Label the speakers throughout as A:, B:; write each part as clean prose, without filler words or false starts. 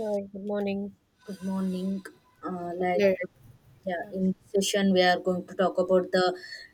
A: Hi, good morning.
B: Good morning. Uh, like,
A: Yeah,
B: uh, yeah, in session we are going to talk about the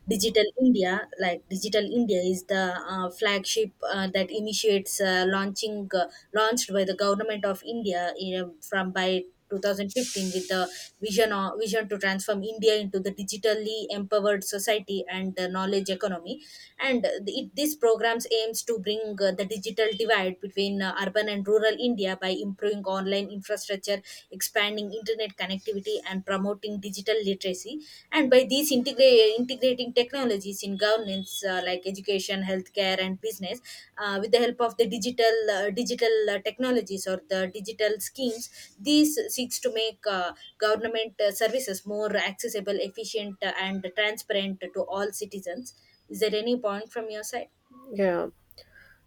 B: Digital India. Like, Digital India is the flagship that initiates launching launched by the government of India in know, from by 2015 with the vision to transform India into the digitally empowered society and the knowledge economy, and this programs aims to bring the digital divide between urban and rural india by improving online infrastructure, expanding internet connectivity, and promoting digital literacy, and by integrating technologies in governance, like education, healthcare, and business. Uh, with the help of the digital technologies or the digital schemes, these seeks to make government services more accessible, efficient, and transparent to all citizens. Is there any point from your side?
A: Yeah,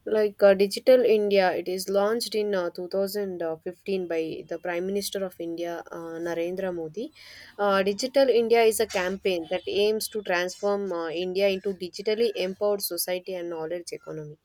A: Digital India, it is launched in 2015 by the Prime Minister of India, Narendra Modi. Digital India is a campaign that aims to transform India into digitally empowered society and knowledge economy.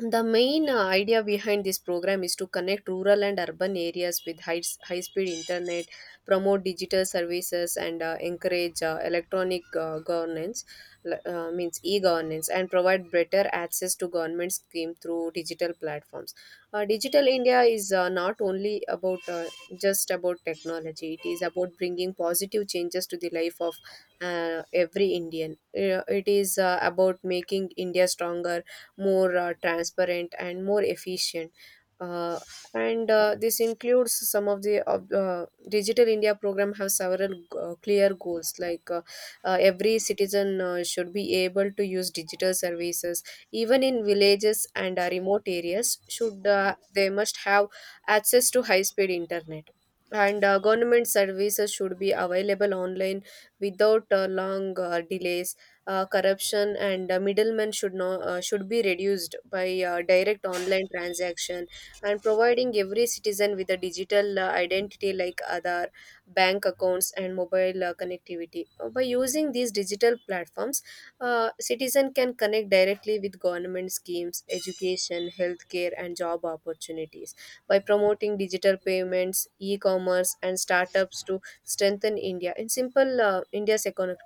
A: The main idea behind this program is to connect rural and urban areas with high speed internet, promote digital services, and encourage electronic governance, means e governance, and provide better access to government scheme through digital platforms. Digital India is not only about just about technology. It is about bringing positive changes to the life of every Indian. It is about making India stronger, more transparent and more efficient. Uh, and This includes some of the digital india program have several clear goals like every citizen should be able to use digital services, even in villages, and remote areas should they must have access to high speed internet. And government services should be available online without long delays. Corruption and middlemen should not should be reduced by direct online transaction, and providing every citizen with a digital identity like Aadhaar, bank accounts, and mobile connectivity. By using these digital platforms, citizen can connect directly with government schemes, education, healthcare, and job opportunities. By promoting digital payments, e-commerce, and startups to strengthen India in simple India's economic,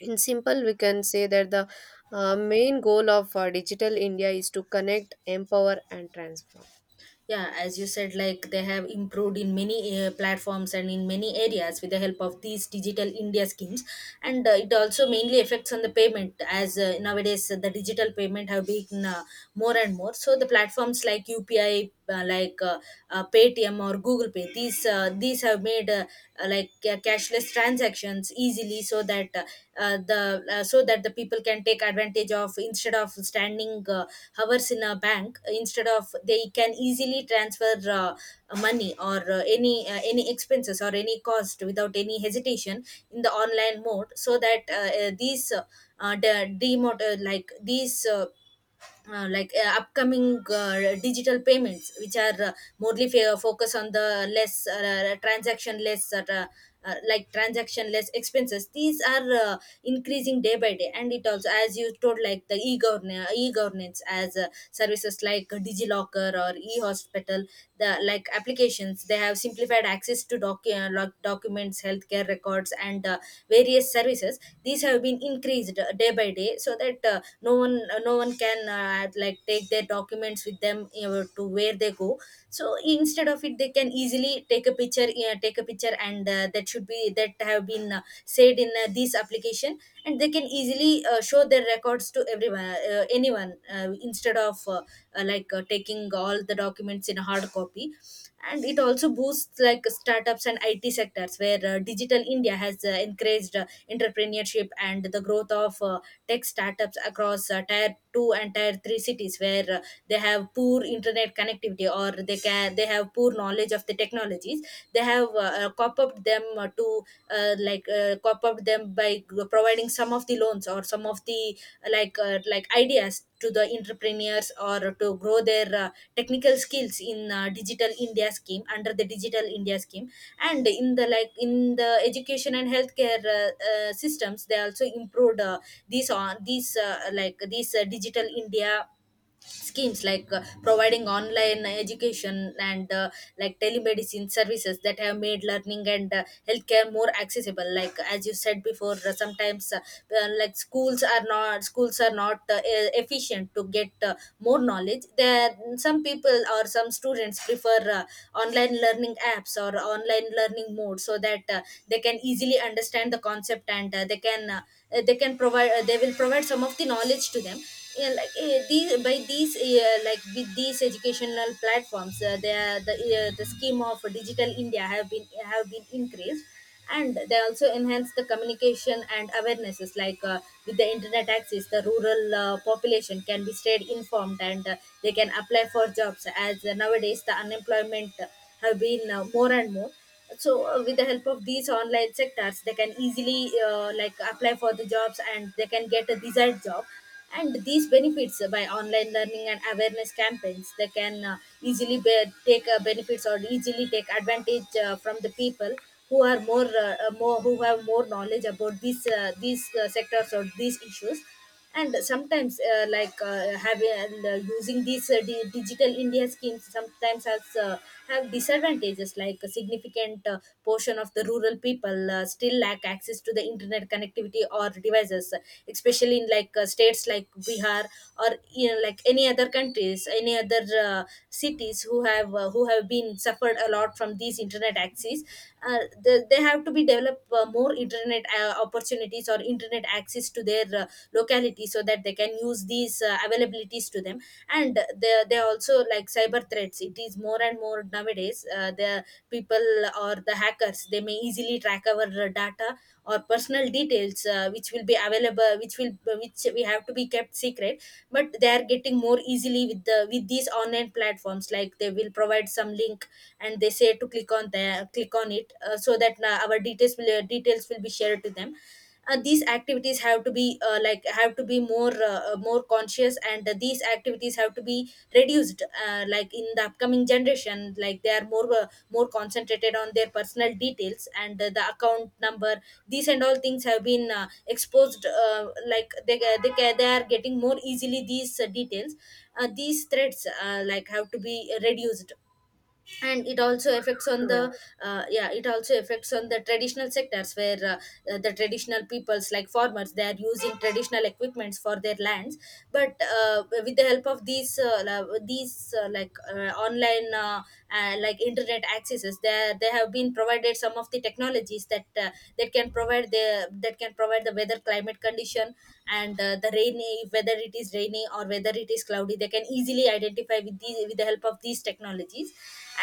A: in simple we can say that the main goal of digital india is to connect, empower and transform.
B: Yeah, as you said, like they have improved in many platforms and in many areas with the help of these digital India schemes, and it also mainly affects on the payment, as nowadays the digital payment have been more and more. So the platforms like UPI, Paytm or Google Pay, these have made cashless transactions easily, so that the so that the people can take advantage of, instead of standing hours in a bank. Uh, instead of, they can easily transfer money or any expenses or any cost without any hesitation in the online mode, so that these de- demot- like these like upcoming digital payments which are morely focus on the less transaction, less transaction less expenses, these are increasing day by day. And it also, as you told, like the e-governance, as services like digilocker or e-hospital, the like applications, they have simplified access to documents, healthcare records, and various services. These have been increased day by day, so that no one can like take their documents with them you to where they go. So instead of it, they can easily take a picture, and that should be that have been said in this application, and they can easily show their records to everyone, anyone, instead of taking all the documents in a hard copy. And it also boosts like startups and IT sectors, where digital India has encouraged entrepreneurship and the growth of tech startups across tier 2 and tier 3 cities, where they have poor internet connectivity, or they can they have poor knowledge of the technologies. They have cop up them to like cop up them by providing some of the loans or some of the ideas to the entrepreneurs, or to grow their technical skills in digital india scheme under the digital india scheme. And in the in the education and healthcare systems, they also improved these on these like these digital india schemes, like providing online education and telemedicine services, that have made learning and healthcare more accessible. Like as you said before, sometimes schools are not efficient to get more knowledge there. Some people or some students prefer online learning apps or online learning mode, so that they can easily understand the concept, and they can provide they will provide some of the knowledge to them. Yeah, like eh, these by these like with these educational platforms, they are, the scheme of digital india have been increased, and they also enhance the communication and awarenesses. Like with the internet access, the rural population can be stayed informed, and they can apply for jobs, as nowadays the unemployment have been more and more. So with the help of these online sectors, they can easily like apply for the jobs, and they can get a desired job. And these benefits by online learning and awareness campaigns, they can easily take benefits, or easily take advantage from the people who are more, who have more knowledge about these sectors or these issues. And sometimes having and, using these digital india schemes sometimes has have disadvantages. Like a significant portion of the rural people still lack access to the internet connectivity or devices, especially in states like bihar, or you know, like any other countries, any other cities, who have been suffered a lot from these internet access. uh, they have to be develop more internet opportunities or internet access to their locality, so that they can use these availabilities to them. And they also, like, cyber threats, it is more and more nowadays. Uh, the people or the hackers, they may easily track our data or personal details, which will be available, which we have to be kept secret, but they are getting more easily with the with these online platforms. Like they will provide some link and they say to click on the click on it, so that our details will be shared to them. Uh, these activities have to be have to be more more conscious, and these activities have to be reduced, in the upcoming generation. Like they are more concentrated on their personal details and the account number. These and all things have been exposed, they are getting more easily these details. Uh, these threats have to be reduced. And it also affects on
A: Yeah.
B: the yeah, it also affects on the traditional sectors, where the traditional peoples like farmers, they are using traditional equipments for their lands. But with the help of these online internet accesses, they have been provided some of the technologies that that can provide the weather climate condition, and the rainy whether it is rainy or whether it is cloudy, they can easily identify with these with the help of these technologies.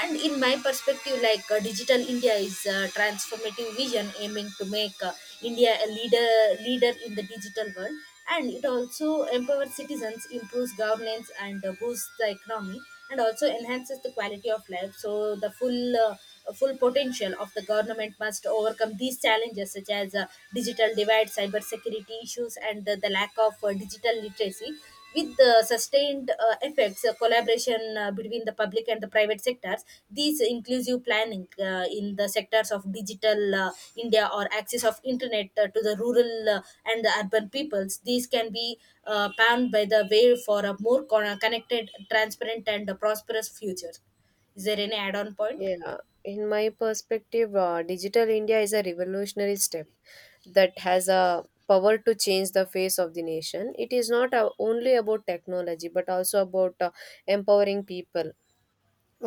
B: And in my perspective, digital india is a transformative vision, aiming to make india a leader in the digital world, and it also empowers citizens, improves governance, and boosts the economy, and also enhances the quality of life. So the full potential of the government must overcome these challenges, such as digital divide, cyber security issues, and the lack of digital literacy. With the sustained effects, collaboration between the public and the private sectors, these inclusive planning in the sectors of digital india, or access of internet to the rural and the urban peoples, these can be panned by the way for a more connected, transparent, and prosperous future. Is there any add-on point?
A: Yeah, in my perspective, digital india is a revolutionary step that has a power to change the face of the nation. It is not only about technology, but also about empowering people.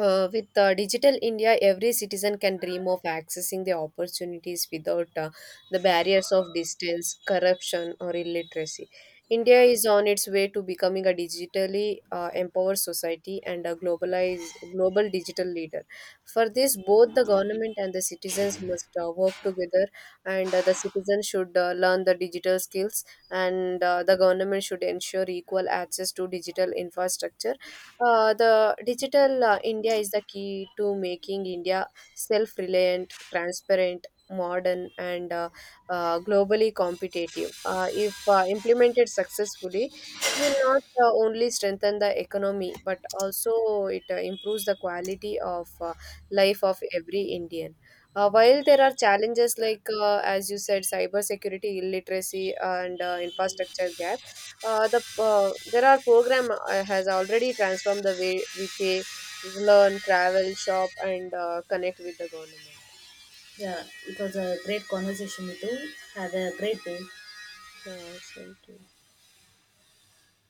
A: With Digital India, every citizen can dream of accessing the opportunities without the barriers of distance, corruption, or illiteracy. India is on its way to becoming a digitally empowered society and a globalized global digital leader. For this, both the government and the citizens must work together, and the citizens should learn the digital skills, and the government should ensure equal access to digital infrastructure. Uh, the digital uh, India is the key to making India self reliant, transparent, modern, and globally competitive. If implemented successfully, it will not only strengthen the economy, but also it improves the quality of life of every Indian. While there are challenges like, as you said, cybersecurity, illiteracy and infrastructure gap, there are program has already transformed the way we pay, learn, travel, shop, and connect with the government.
B: Yeah, it was a great conversation with you. Have a great day.
A: Same to you.